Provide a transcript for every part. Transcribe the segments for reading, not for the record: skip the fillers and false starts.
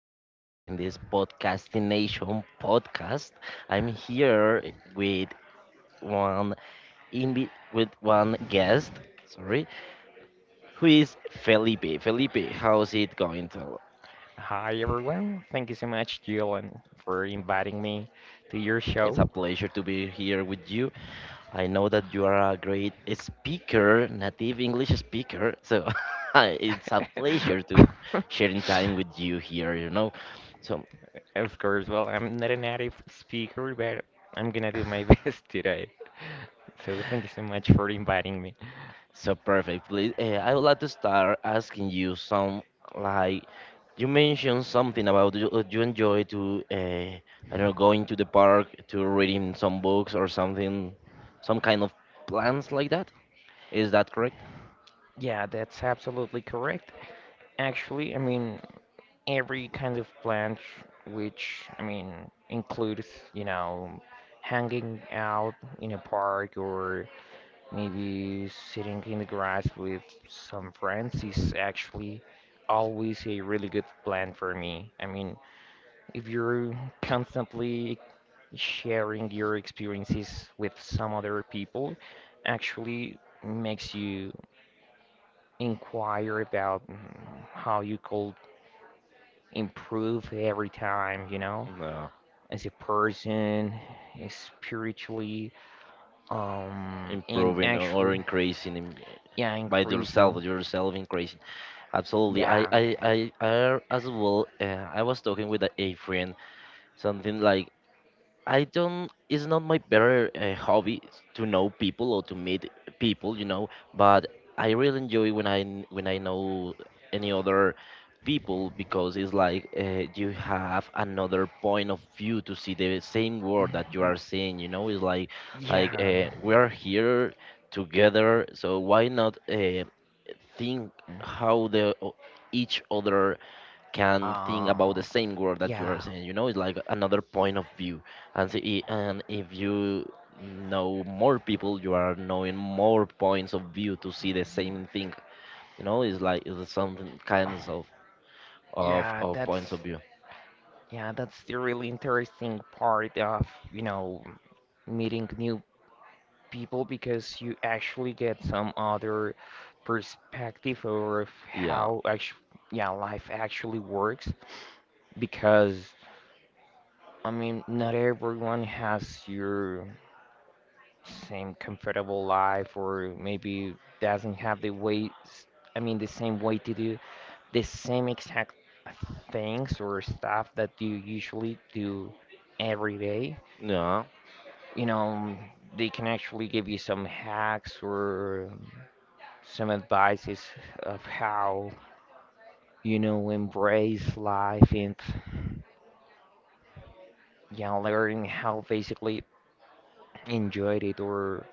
episode in this Podcasting Nation podcast. I'm here with one with one guest, sorry, who is Felipe. Felipe, how's it going? Tell- Hi everyone. Thank you so much, Jillian, for inviting me to your It's a show. pleasure to be here with you. I know that you are a great speaker, native English speaker. So it's a pleasure to sharing time with you here. So. Of course, well, I'm not a native speaker, but I'm gonna do my best today. So thank you so much for inviting me. So perfect. Please, I would like to start asking you some like you mentioned something about you, you enjoy to I don't know, going to the park to reading some books or something, some kind of plans like that. Is that correct? Yeah, that's absolutely correct. Actually, I mean, every kind of plant, which, I mean, includes, you know, hanging out in a park or maybe sitting in the grass with some friends is actually always a really good plan for me. I mean, if you're constantly sharing your experiences with some other people, actually makes you inquire about how you could improve every time, you know, No. as a person, spiritually, and Improving or actually, increasing in, yeah, increasing, yourself increasing. Absolutely. I yeah. I I, I as well. I was talking with a friend something like. I don't. It's not my better hobby to know people or to meet people, you know. But I really enjoy when when I know any other people, because it's like you have another point of view to see the same world that you Mhm. are seeing. You know, it's like Yeah. We are here together, so why not think how each other can think about Uh, the same word that you are yeah. saying. You know, it's like another point of view. And see, and if you know more people, you are knowing more points of view to see the same thing. You know, it's like it's something kinds of of Yeah, of that's points of view. yeah, that's the really interesting part of, you know, meeting new people because you actually get some other perspective of Yeah, how actually, yeah, life actually works because I mean, not everyone has your same comfortable life or maybe doesn't have the way, I mean the same way to do the same exact things or stuff that you usually do every day. yeah, You know, they can actually give you some hacks or some advices of how, you know, embrace life and, you know, learning how basically enjoy it or,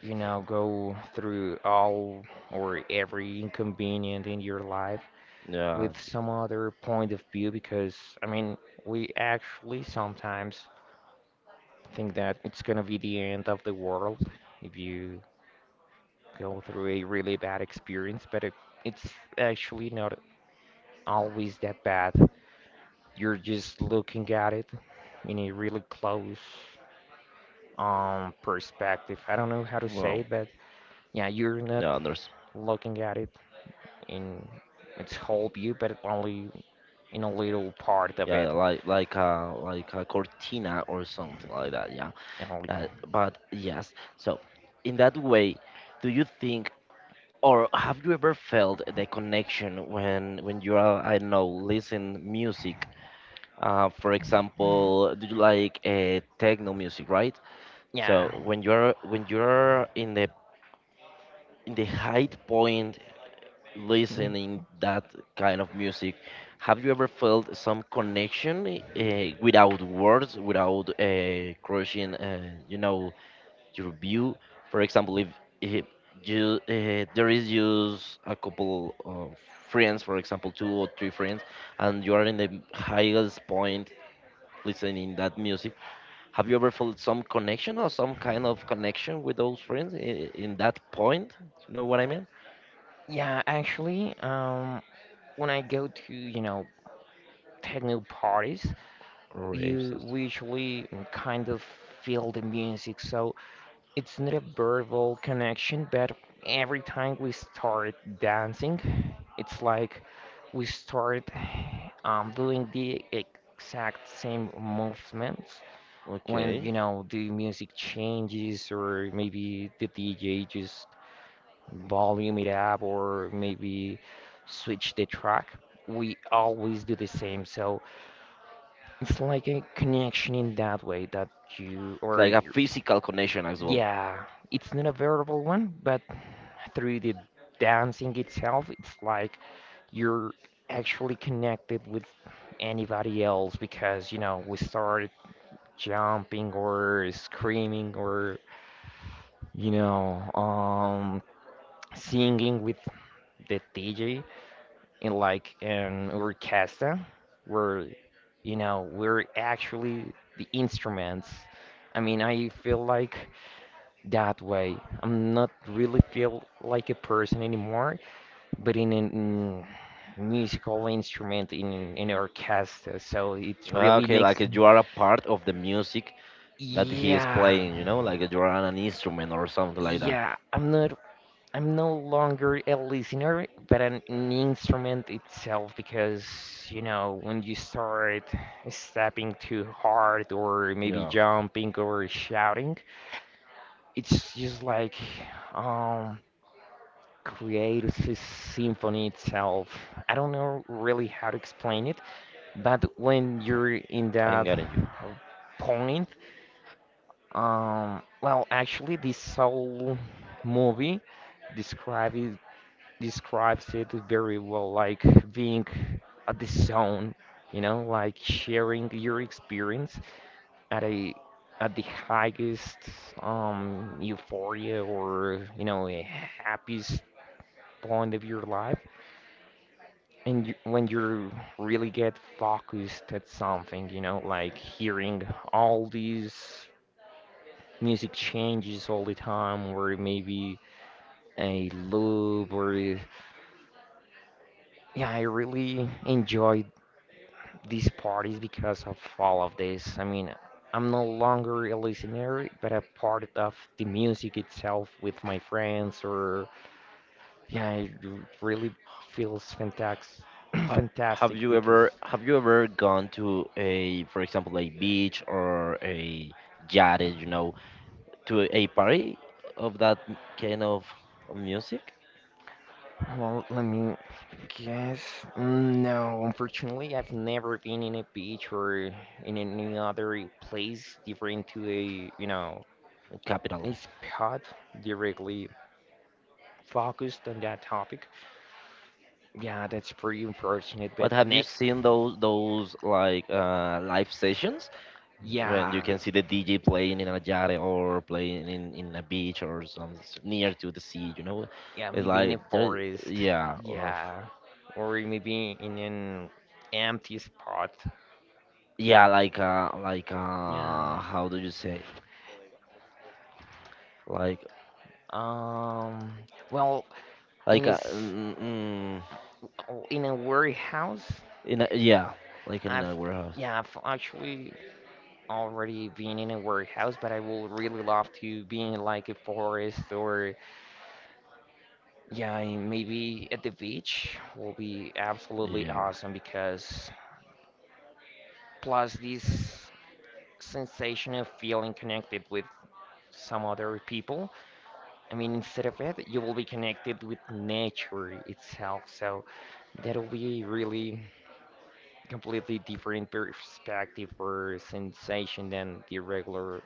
you know, go through all or every inconvenient in your life yeah. with some other point of view because, I mean, we actually sometimes think that it's gonna be the end of the world if you go through a really bad experience, but it's actually not always that bad. You're just looking at it in a really close perspective. I don't know how to Well, say it, but yeah, you're not yeah. There's looking at it in its whole view, but only in a little part of yeah, it. like like a cortina or something like that. Yeah, You know, like, yeah. But yes, so in that way. Do you think Or have you ever felt the connection when you are, I don't know, listen music? For example, do you like techno music, right? So yeah. when you're in the height point listening that kind of music, have you ever felt some connection without words, without crushing, you know, your view. For example, if you there is just a couple of friends, for example, two or three friends, and you are in the highest point listening that music. Have you ever felt some connection or some kind of connection with those friends in that point? You know what I mean? Yeah. Actually, when I go to, you know, techno parties, Raves. you we usually kind of feel the music. So it's not a verbal connection, but every time we start dancing, it's like we start doing the exact same movements when, Okay. you know, the music changes or maybe the DJ just volume it up or maybe switch the track. We always do the same. So it's like a connection in that way that you, or Like a physical connection as well. yeah, it's not a verbal one, but through the dancing itself, it's like you're actually connected with anybody else because, you know, we started jumping or screaming or, you know, singing with the DJ in like an orchestra where, you know, we're actually the instruments. I mean, I feel like that way. I'm not really feel like a person anymore, but in a in musical instrument in orchestra. So it Ah, really okay, makes, like you are a part of the music that he is yeah. playing, you know, like you are on an instrument or something like that. Yeah, I'm no longer a listener, but an instrument itself because, you know, when you start stepping too hard or maybe Yeah, jumping or shouting, it's just like um create a symphony itself. I don't know really how to explain it, but when you're in I'm that getting you. uh, point, well, actually, this whole movie describe it, describes it very well, like being at the zone, you know, like sharing your experience at a at the highest euphoria or, you know, a happiest point of your life. And you, when you really get focused at something, you know, like hearing all these music changes all the time or maybe a loop or, yeah, I really enjoy these parties because of all of this. I mean, I'm no longer a listener, but a part of the music itself with my friends, or yeah, it really feels fantastic. Ha Fantastic because, have you ever gone to a, for example, a beach or a yacht, you know, to a party of that kind of music? well, let me guess. Mm, no, unfortunately, I've never been in a beach or in any other place different to a, you know, Capital. a spot directly focused on that topic. Yeah, that's pretty unfortunate. But But have you next. seen those like live sessions when you Yeah, can see the DJ playing in a yacht or playing in a beach or something near to the sea? You know, yeah, it's maybe in a like there, forest. yeah, of, Yeah, or maybe in an empty spot. yeah, like Yeah. how do you say? like Um. Well, in Like a, his mm, mm, mm, oh, in a warehouse. in a yeah, like in I've a warehouse. yeah, I've actually already been in a warehouse, but I will really love to be in like a forest or yeah, and maybe at the beach will be absolutely Yeah, awesome because plus this sensation of feeling connected with some other people. I mean, instead of it, you will be connected with nature itself. So that'll be really completely different perspective or sensation than the regular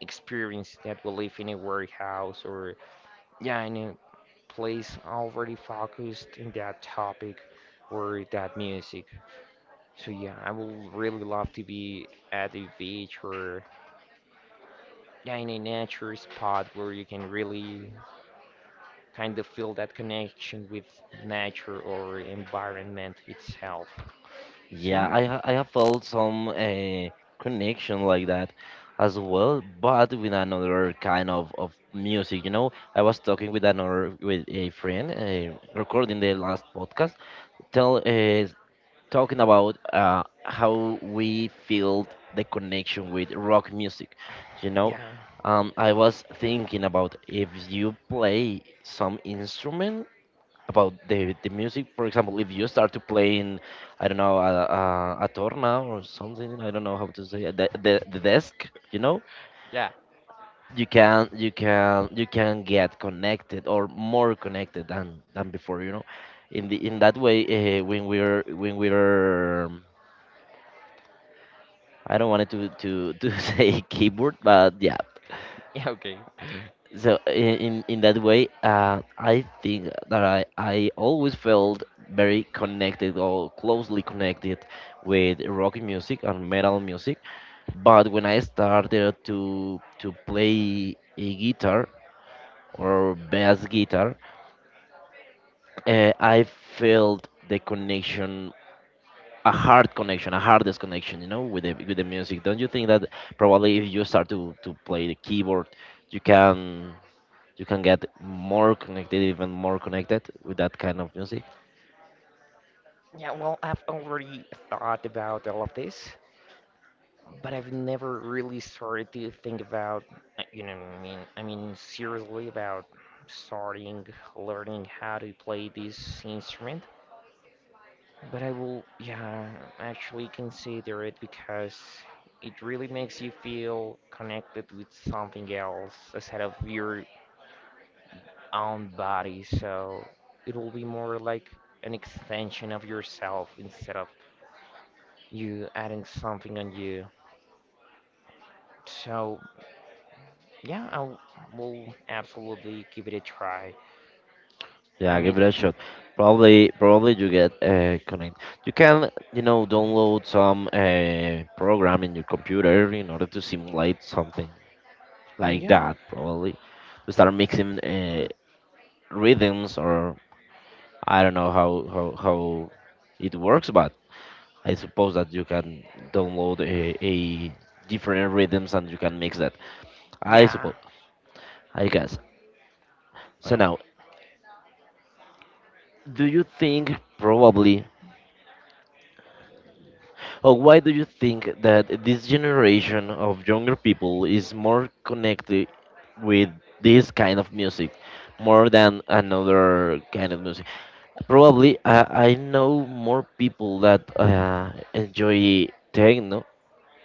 experience that we live in a warehouse or yeah, in a place already focused in that topic or that music. So yeah, I will really love to be at the beach or yeah, in a nature spot where you can really kind of feel that connection with nature or environment itself. So yeah. yeah, I have felt some connection like that as well, but with another kind of music. You know, I was talking with another with a friend, recording the last podcast. Tell Talking about how we feel the connection with rock music. You know, yeah, I was thinking about if you play some instrument about the music. For example, if you start to playing, I don't know, a torna or something. I don't know how to say it, the the desk. You know, yeah, you can get connected or more connected than before. You know, in the in that way, when we're I don't want it to to say keyboard, but yeah, yeah. Okay. so in that way, I think that I always felt very connected or closely connected with rock music and metal music. But when I started to play a guitar or bass guitar, I felt the connection, a hardest connection, you know, with the music. Don't you think that probably if you start to play the keyboard, you can. you can get more connected, even more connected with that kind of music. Yeah, well, I've already thought about all of this, but I've never really started to think about, I mean, seriously about starting learning how to play this instrument. But I will, yeah, actually consider it because it really makes you feel connected with something else aside of your own body. So it will be more like an extension of yourself instead of you adding something on you. So yeah, I will absolutely give it a try. I Yeah, give mean, it a shot. Probably, probably you get connect. You can, you know, download some program in your computer in order to simulate something like yeah, that. Probably to start mixing rhythms, or I don't know how it works, but I suppose that you can download a different rhythms and you can mix that. I yeah, suppose. I guess. So well, now, do you think probably or why do you think that this generation of younger people is more connected with this kind of music more than another kind of music, probably I know more people that enjoy techno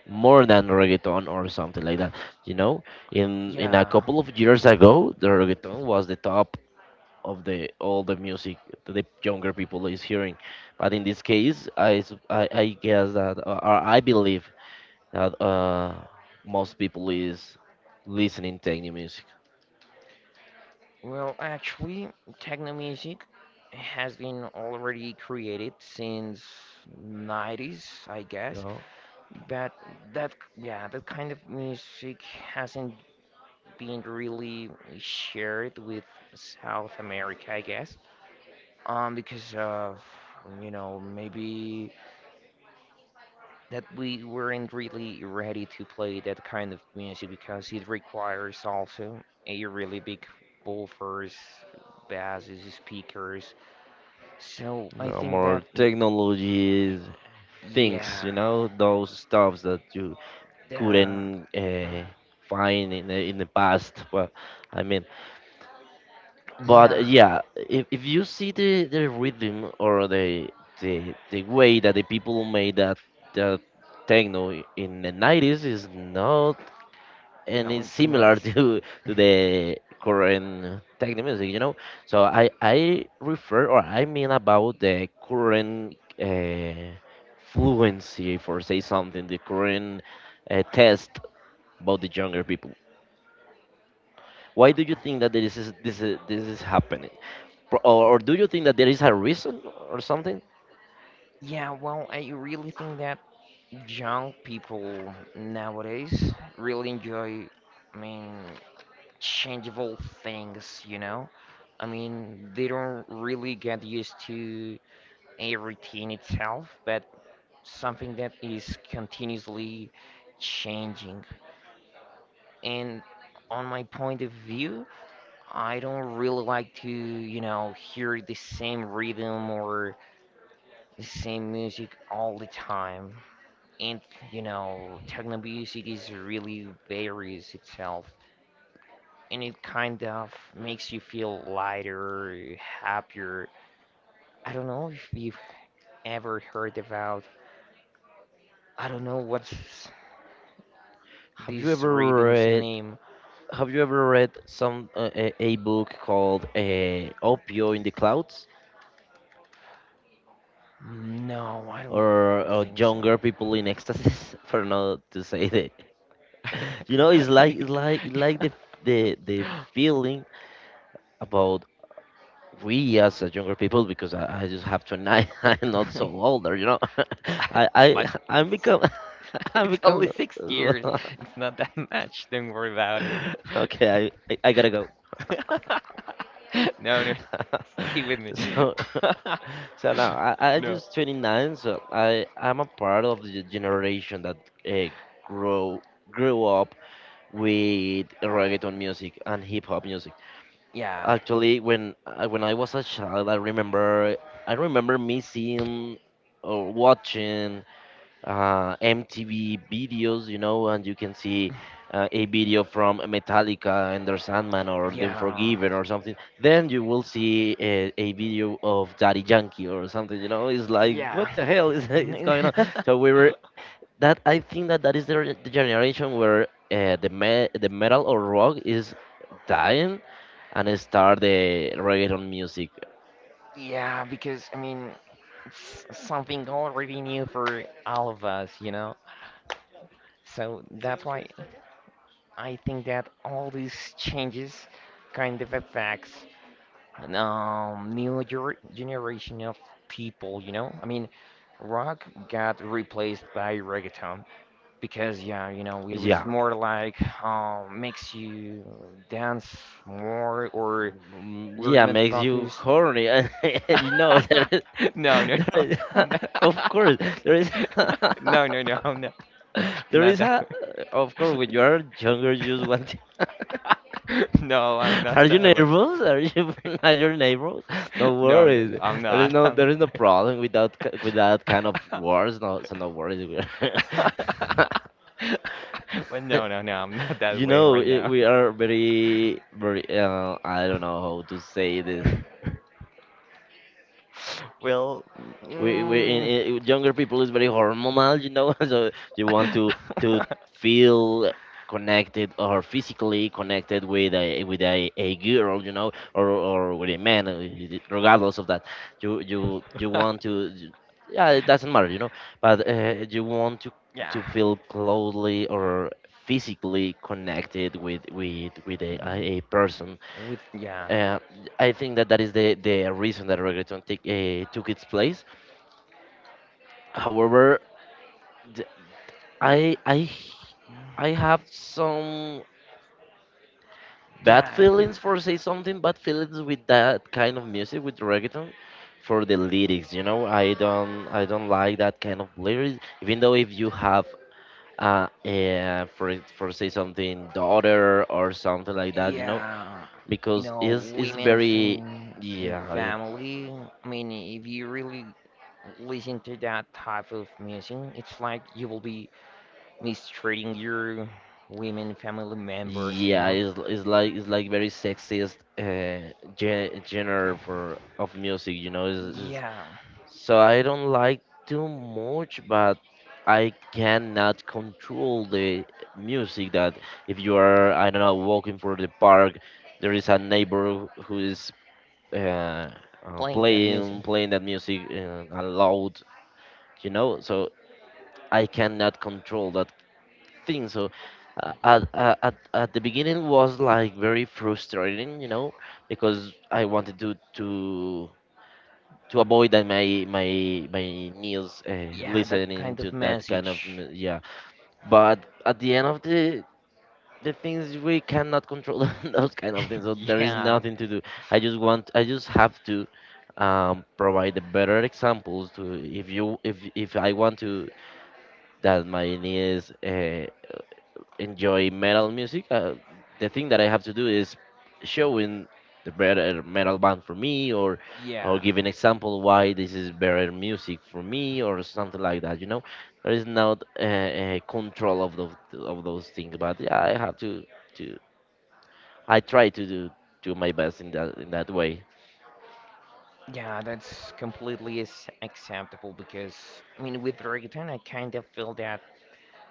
more than reggaeton or something like that, you know, in a yeah. couple of years ago the reggaeton was the top of the all the music that the younger people is hearing. But in this case, I guess that or I believe that most people is listening techno music. Well, actually, techno music has been already created since 90s, I You guess. know, But that, yeah, that kind of music hasn't been really shared with South America, I guess. Because of, you know, maybe that we weren't really ready to play that kind of music because it requires also a really big buffers, basses, speakers. So I you think more that, technologies things. You yeah, know, those stuffs that you the, couldn't find in the past. But I mean, but yeah, yeah, if you see the rhythm or the the way that the people made that techno in the 90s is not no, any it's not. Similar to the current techno music, you know. So I refer or I mean about the current uh, fluency, for say something, the current test about the younger people. Why do No. you think that this is happening? Or do you think that there is a reason or something? Yeah, well, I really think that young people nowadays really enjoy, I mean, changeable things, you know? I mean, they don't really get used to a routine itself, but something that is continuously changing. And on my point of view, I don't really like to, you know, hear the same rhythm or the same music all the time. And, you know, techno music is really varies itself. And it kind of makes you feel lighter, happier. I don't know if you've ever heard about, I don't know what's Have you this ever rhythm's read? name. Have you ever read some a book called "Opio in the Clouds" No, I don't or think so. "Younger People in Ecstasy"? For not to say that, you know, it's like it's like the feeling about we as a younger people because I just have to admit I'm not Yeah. so older, you know. But I I'm it's, become I only become 6 years. It's not that much. Don't worry about it. okay. I I gotta go. No, no. Stay with me. so so now I No. just 29, so I I'm a part of the generation that uh, grow grew up with reggaeton music and hip hop music. Yeah. Actually, when I was a child, I remember me seeing or watching MTV videos, you know, and you can see a video from Metallica and their Sandman or The Yeah. Unforgiven or something. Then you will see a video of Daddy Yankee or something, you know. It's like, Yeah. what the hell is, is going on? So we were that I think that that is the, the generation where the the metal or rock is dying and start the reggaeton music. yeah, because, I mean, it's something already new for all of us, you know? So that's why I think that all these changes kind of affects an, generation of people, you know? I mean, rock got replaced by reggaeton because, yeah, you know, it was Yeah. more like makes you dance more or Mm, we're yeah, not makes you focused. horny, and you know there is, No, no, there no, is I'm of not. course, there is, No, no, no, I'm not. I'm there not is that a, way. of course, when you are younger, you just want. To, No, I'm not are you that way. nervous? Are you are your neighbors? No No, no, no, worries. I'm There is not. no I'm problem with with that kind of not. words. No, so no worries. We- well, no, no, no, I'm not that you way know, right it, now. we are very. I don't know how to say this. Well, We, mm, in, younger people is very hormonal, you know, so you want to feel connected or physically connected with a girl, you know, or with a man, regardless of that you want to yeah, it doesn't matter, you know, but you want yeah, to feel closely or physically connected with a person, with yeah, uh, I think that that is the reason that reggaeton take, took its place. However, th- I I I have some bad yeah, feelings, for say something, bad feelings with that kind of music, with reggaeton, for the lyrics, you know, I don't like that kind of lyrics, even though if you have for say something daughter or something like that, you know, yeah. You because know, it's women's very in yeah it- family. I mean, if you really listen to that type of music, it's like you will be mistreating your women family members. You yeah know? It's like very sexist genre for of music, you know, it's, Yeah. so I don't like too much, but I cannot control the music that if you are, I don't know, walking for the park, there is a neighbor who is uh, Playing that music. playing playing that music aloud, you know. So I cannot control that thing. So at the beginning was like very frustrating, you know, because I wanted to avoid that my knees Yeah, that listening kind to of that kind of message. mu- but at the end of the things we cannot control those kind of things, so there is yeah, nothing to do. I just have to provide the better examples to, if you if I want to that my knees enjoy metal music, the thing that I have to do is showing the better metal band for me, or yeah, give an example why this is better music for me, or something like that. You know, there is not a control of those things, but yeah, I have to I try to do do my best in that way. yeah, that's completely is acceptable because, I mean, with reggaeton, I kind of feel that,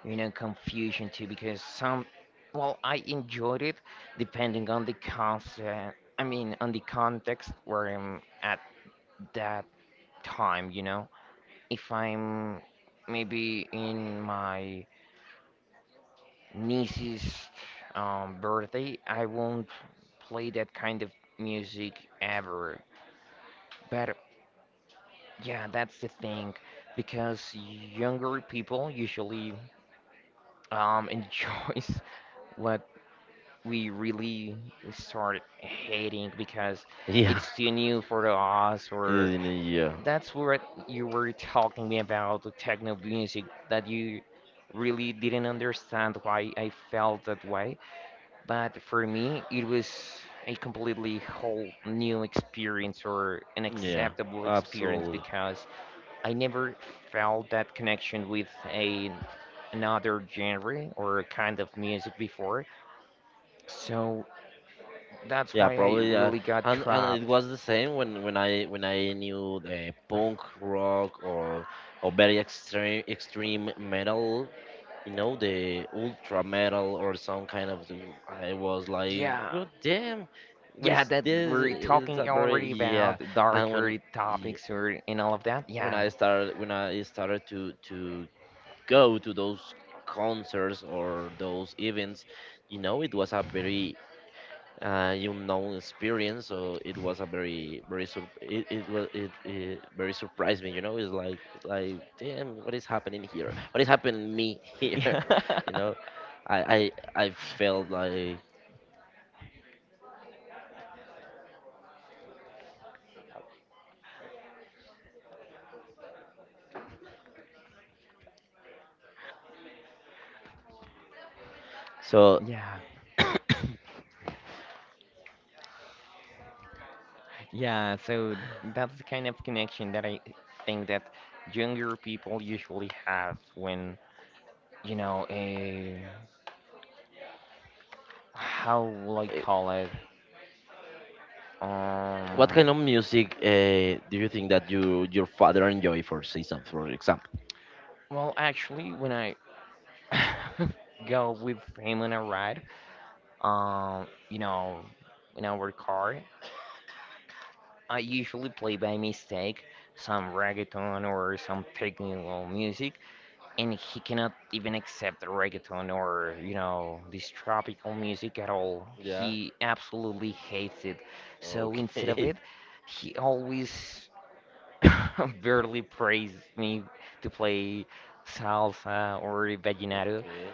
you know, confusion too because some, well, I enjoyed it depending on the concept, I mean, on the context where I'm at that time, you know. If I'm maybe in my niece's birthday. I won't play that kind of music ever. But yeah, that's the thing, because younger people usually enjoys what we really start hating because Yeah, it's too new for us. Or yeah, that's what you were talking me about the techno music that you really didn't understand why I felt that way. But for me, it was a completely whole new experience or an yeah, acceptable experience absolutely. because I never felt that connection with a another genre or kind of music before. So that's Yeah, why I probably. Yeah, really got and it trapped. was the same when when I knew the punk rock or very extreme metal. You know, the ultra metal or some kind of the- I was like, Yeah, "What damn, what yeah, is that this?" we're It's a talking very already yeah. about And when darker y- topics or and all of that. Yeah, when I started to go to those concerts or those events, you know, it was a very you know, experience. So it was a very very sur- it was it very surprised me, you know. It's like, damn, what is happening here? What is happening to me here? yeah, You know, i I felt like so. yeah. Yeah, so that's the kind of connection that I think that younger people usually have when, you know, a how will I Eh, call it? what Um, kind of music do you think that you your father enjoy for season, for example? well, actually, when I go with him on a ride, you know, in our car, I usually play by mistake some reggaeton or some technical music, and he cannot even accept reggaeton or, you know, this tropical music at all. Yeah. He absolutely hates it. So instead of Okay. it, he always barely prays me to play salsa or vallenato, Okay.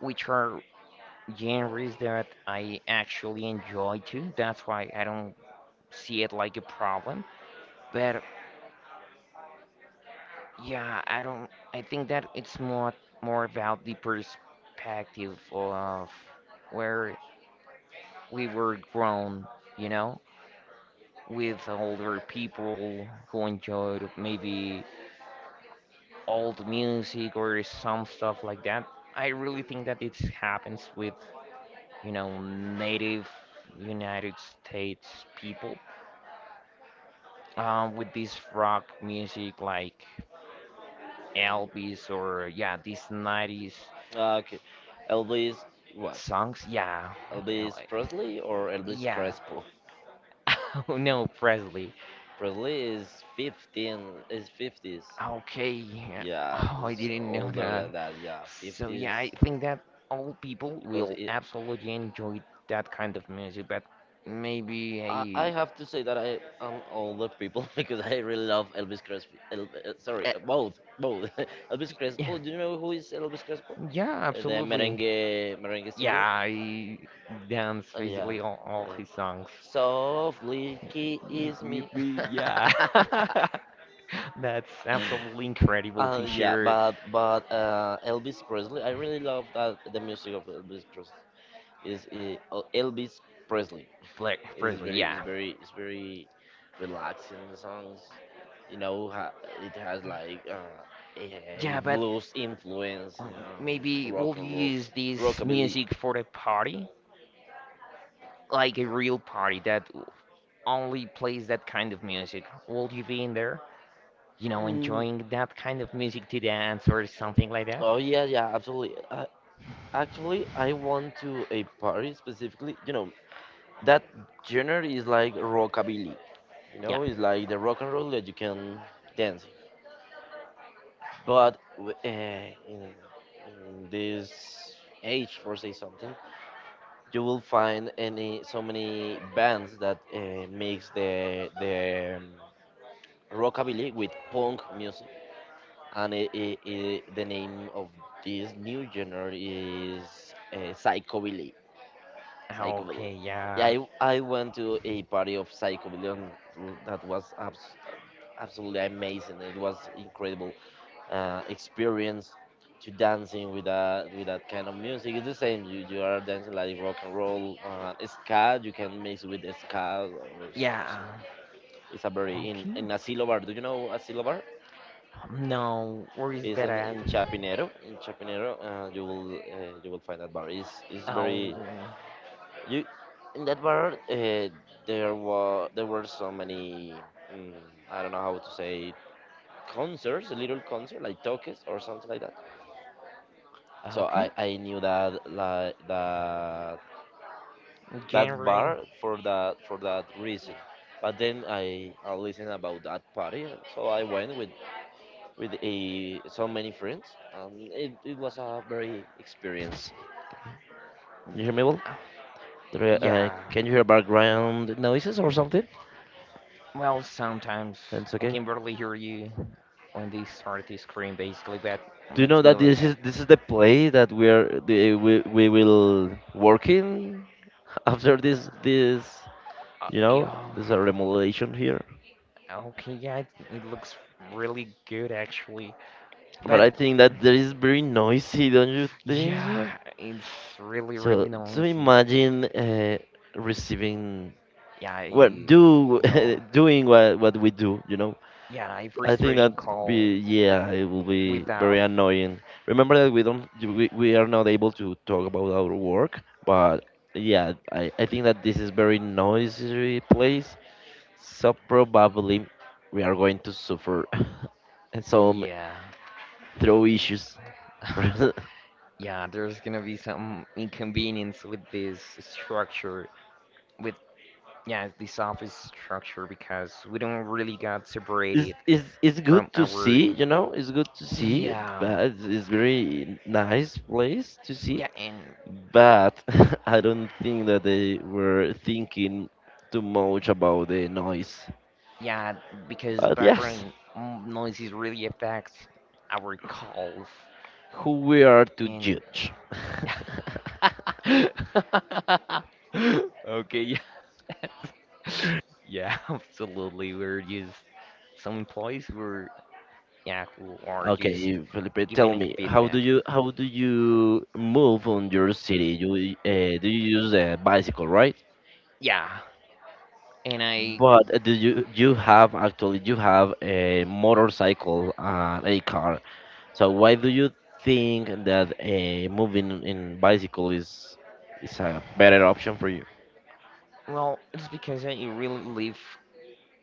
which are genres that I actually enjoy too. That's why I don't see it like a problem. But yeah, I don't. I think that it's more about the perspective of where we were grown, you know, with older people who enjoyed maybe old music or some stuff like that. I really think that it happens with, you know, native United States people, with this rock music like Elvis or yeah, these 90s Ah, okay. Elvis what? songs. Yeah, you know, Elvis Presley or Elvis yeah. Crespo? Oh no, Presley. Release 15 is 50s. Okay, yeah. Yeah, Oh, I it's didn't know older that. than that. Yeah, So 50s yeah, I think that all people because will it. absolutely enjoy that kind of music, but I maybe have to say that I am older people because I really love Elvis Crespo. El, I, sorry, uh, both both Elvis Crespo. Do you know who is Elvis Crespo? yeah, The absolutely. merengue Yeah, singer. I dance Yeah. basically all uh, his songs. Softly Yip, kiss yip, me. yip, yeah. That's absolutely incredible to yeah, share but Elvis Presley, I really love that the music of Elvis Pres is Elvis Presley. Black It's Presley. very, Yeah. it's very, it's very relaxing the songs. You know, ha, it has like a Yeah, but blues influence, Um, Maybe rock we'll and roll, use this rockabilly. music for the party, like a real party that only plays that kind of music. Will you be in there? You know, Mm, enjoying that kind of music to dance or something like that? oh yeah, yeah, absolutely. Actually, I went to a party specifically. You know, that genre is like rockabilly. You Yeah. know, it's like the rock and roll that you can dance. But w- eh, in this age, for say something, you will find any so many bands that mix the rockabilly with punk music, and the name of this new genre is psychobilly. Ah, Psychobilly. okay, Yeah, yeah. I went to a party of psychobilly, and that was abs- absolutely amazing. It was incredible. Experience to dancing with that kind of music. It's the same. You are dancing like rock and roll, ska. You can mix with ska. Or, s- s- Yeah. it's a very Okay. in Asilo Bar. Do you know Asilo Bar? No, where is It's that at? in Chapinero. In Chapinero, you will find that bar. It's Oh, very you in that bar. There were so many mm. I don't know how to say concerts, a little concert like tokes or something like that. So okay. I knew that like that that January. bar for that reason. But then I listened about that party, so I went with a so many friends, and it was a very experience. You hear me well? Uh, There, yeah. can you hear background noises or something? Well, sometimes It's I okay. can barely hear you when they start to scream, basically, but Do you know let's that move ahead. This is the play that we are the, we will work in after this this. You know, Yeah, this is a remodelation here. okay, yeah, it looks really good actually. But But I think that that is very noisy, don't you think yeah, so? it's really, So, really so noisy. imagine receiving, Yeah, well, I, do well, doing what we do, you know. yeah, I I think frustrating that call be yeah, it will be very without. annoying. Remember that we don't we are not able to talk about our work, but yeah, I think that this is very noisy place, so probably we are going to suffer some Yeah, throw issues. yeah, there's gonna be some inconvenience with this structure, with yeah, this office structure because we don't really got It's, separated it's good from to our. see, you know, it's good to see, Yeah, but it's very nice place to see. yeah, and But I don't think that they were thinking too much about the noise. yeah, because But yes, background noises really affects our calls who we are to and judge. okay, yeah. Yeah, absolutely. We're just some employees who are yeah, who are just Okay, Felipe, giving tell it me, feedback. How do you move on your city? You do you use a bicycle, right? Yeah. And I But do you you have actually you have a motorcycle and a car. So why do you think that moving in bicycle is a better option for you? well, it's because I really live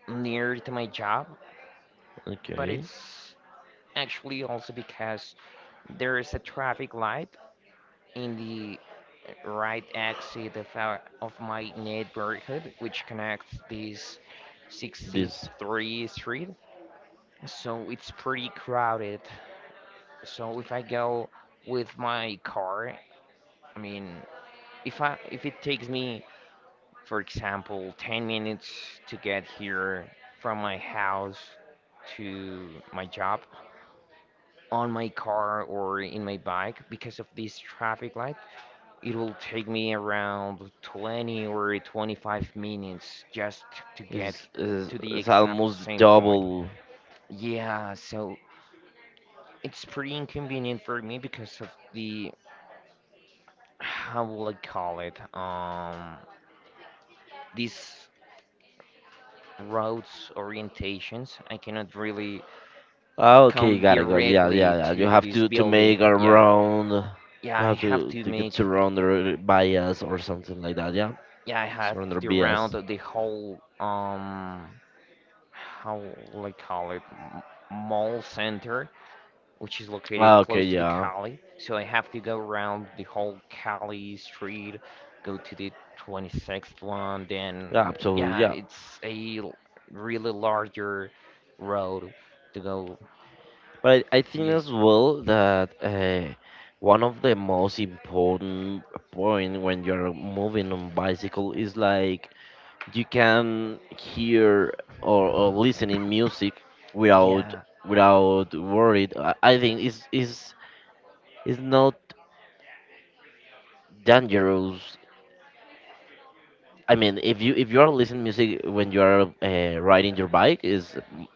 near to my job, but Okay, it's actually also because there is a traffic light in the right exit of my neighborhood, which connects this this 63 street. So it's pretty crowded. So if I go with my car, I mean, if it takes me, for example, 10 minutes to get here from my house to my job on my car or in my bike because of this traffic light, it will take me around 20 or 25 minutes just to get to the is exact almost same point. double. Yeah, so it's pretty inconvenient for me because of the, how will I call it, these roads orientations. I cannot really Ah, okay, come got it. Got it. Yeah, yeah, directly yeah. You to have this to building. make a Yeah, round. yeah, You I have have to to to get make, surrounded by us or something like that. Yeah, yeah, I have surrounded to by us. round the whole, how like I call it mall center, which is located Ah, okay, close to the yeah, Cali. So I have to go around the whole Cali street, go to the 26th one. yeah, Then absolutely, yeah, yeah. it's a really larger road to go. But I think Yes, as well that one of the most important point when you're moving on bicycle is like you can hear or listen in music without yeah, without worried. I think it's is not dangerous. I mean, if you are listening music when you are riding your bike,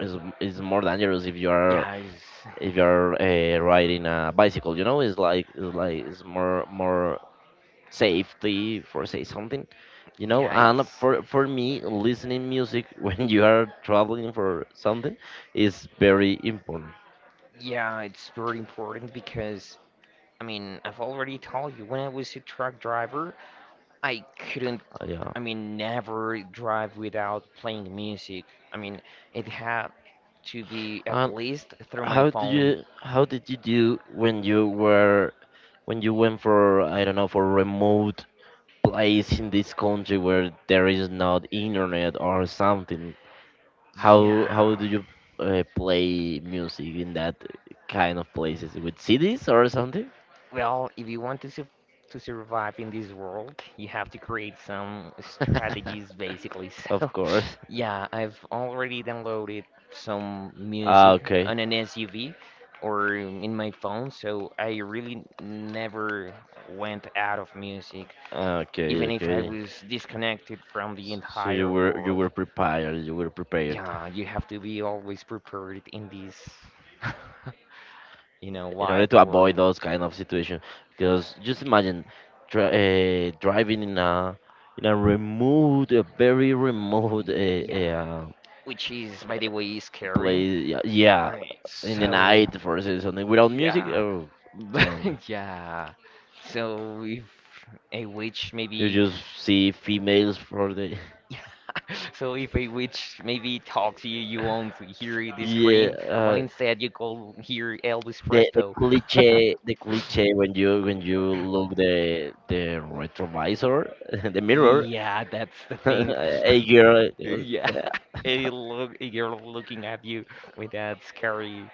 is more dangerous if you are yeah, it's, if you're riding a bicycle, you know. It's like, it's like, it's more more safety for say something, you know. yeah, And it's for me listening music when you are traveling for something is very important. yeah, it's very important because. I mean, I've already told you when I was a truck driver, I couldn't yeah, I mean, never drive without playing music. I mean, it had to be at and least through my how do phone. you how did you do when you were when you went for, I don't know, for remote place in this country where there is not internet or something? How Yeah. do you play music in that kind of places with CDs or something? Well, if you want to su to survive in this world, you have to create some strategies, basically. So, Of course. yeah, I've already downloaded some Ah, music okay. on an SUV or in my phone, so I really never went out of music, Ah, okay, even if I okay. was disconnected from the S- So entire world. You were prepared Yeah, you have to be always prepared in this, you know, in order wild to avoid world. those kind of situation. Because just imagine dri driving in a remote, a very remote Y- yeah, which is, by the way, scary. place. Yeah, yeah, Alright, in the so night for say something without music. yeah, Oh, but damn. yeah, so if a witch You maybe, just see females for the so if a witch maybe talks to you, you won't hear the yeah scream, but instead you go hear Elvis Crespo. The cliche when you look the retrovisor the mirror Yeah, that's the thing. a girl Yeah, uh, it look you're looking at you with that scary.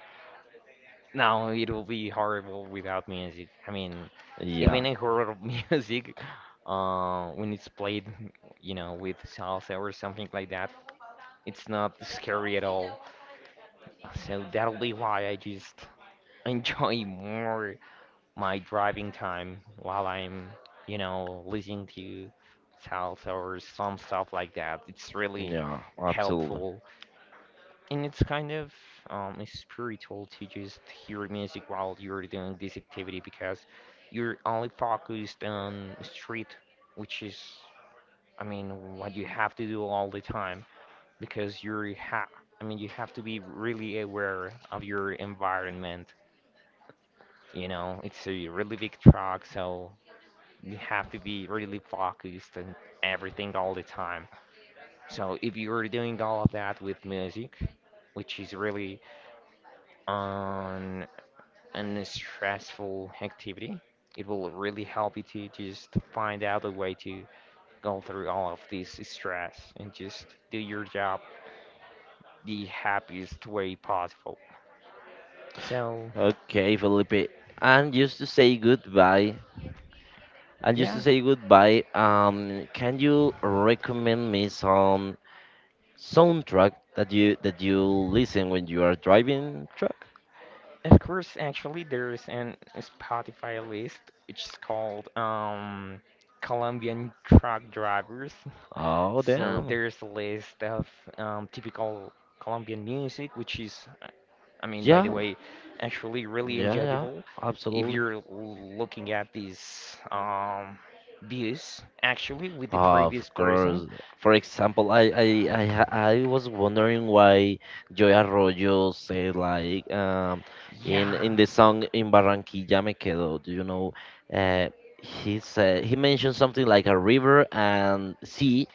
No, it'll be horrible without music. I mean, even yeah in horror music, when it's played, you know, with salsa or something like that, it's not scary at all. So that'll be why I just enjoy more my driving time while I'm, you know, listening to salsa or some stuff like that. It's really yeah absolutely. helpful and it's kind of spiritual to just hear music while you're doing this activity because you're only focused on street, which is, I mean, what you have to do all the time because you're ha I mean, you have to be really aware of your environment. You know, it's a really big truck, so you have to be really focused on everything all the time. So if you're doing all of that with music, which is really an an stressful activity, it will really help you to just find out a way to go through all of this stress and just do your job the happiest way possible. So Okay, Felipe, and just to say goodbye and just to yeah, say goodbye, um, can you recommend me some soundtrack that you listen when you are driving truck? of course, actually there's an Spotify list which is called Colombian truck drivers. Oh, So damn. there's a list of typical Colombian music, which is, I mean, by the Yeah, way, actually really yeah, yeah, enjoyable if absolutely. you're looking at these views actually with the Of previous person. course. For example, I I was wondering why Joy Arroyo said like, um, Yeah, in the song in Barranquilla me quedo, do you know? Uh, he said he mentioned something like a river and sea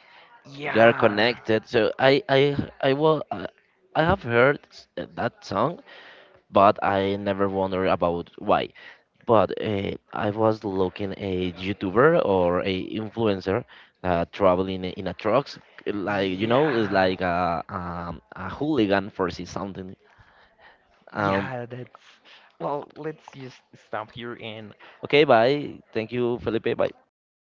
are yeah, connected. So I will I have heard s- that song, but I never wondered about why. But I was looking a YouTuber or a influencer traveling in a trucks, like you know, it's yeah, like a hooligan for see something. Um, yeah. That's well. Let's just stop here and okay, bye. Thank you, Felipe. Bye.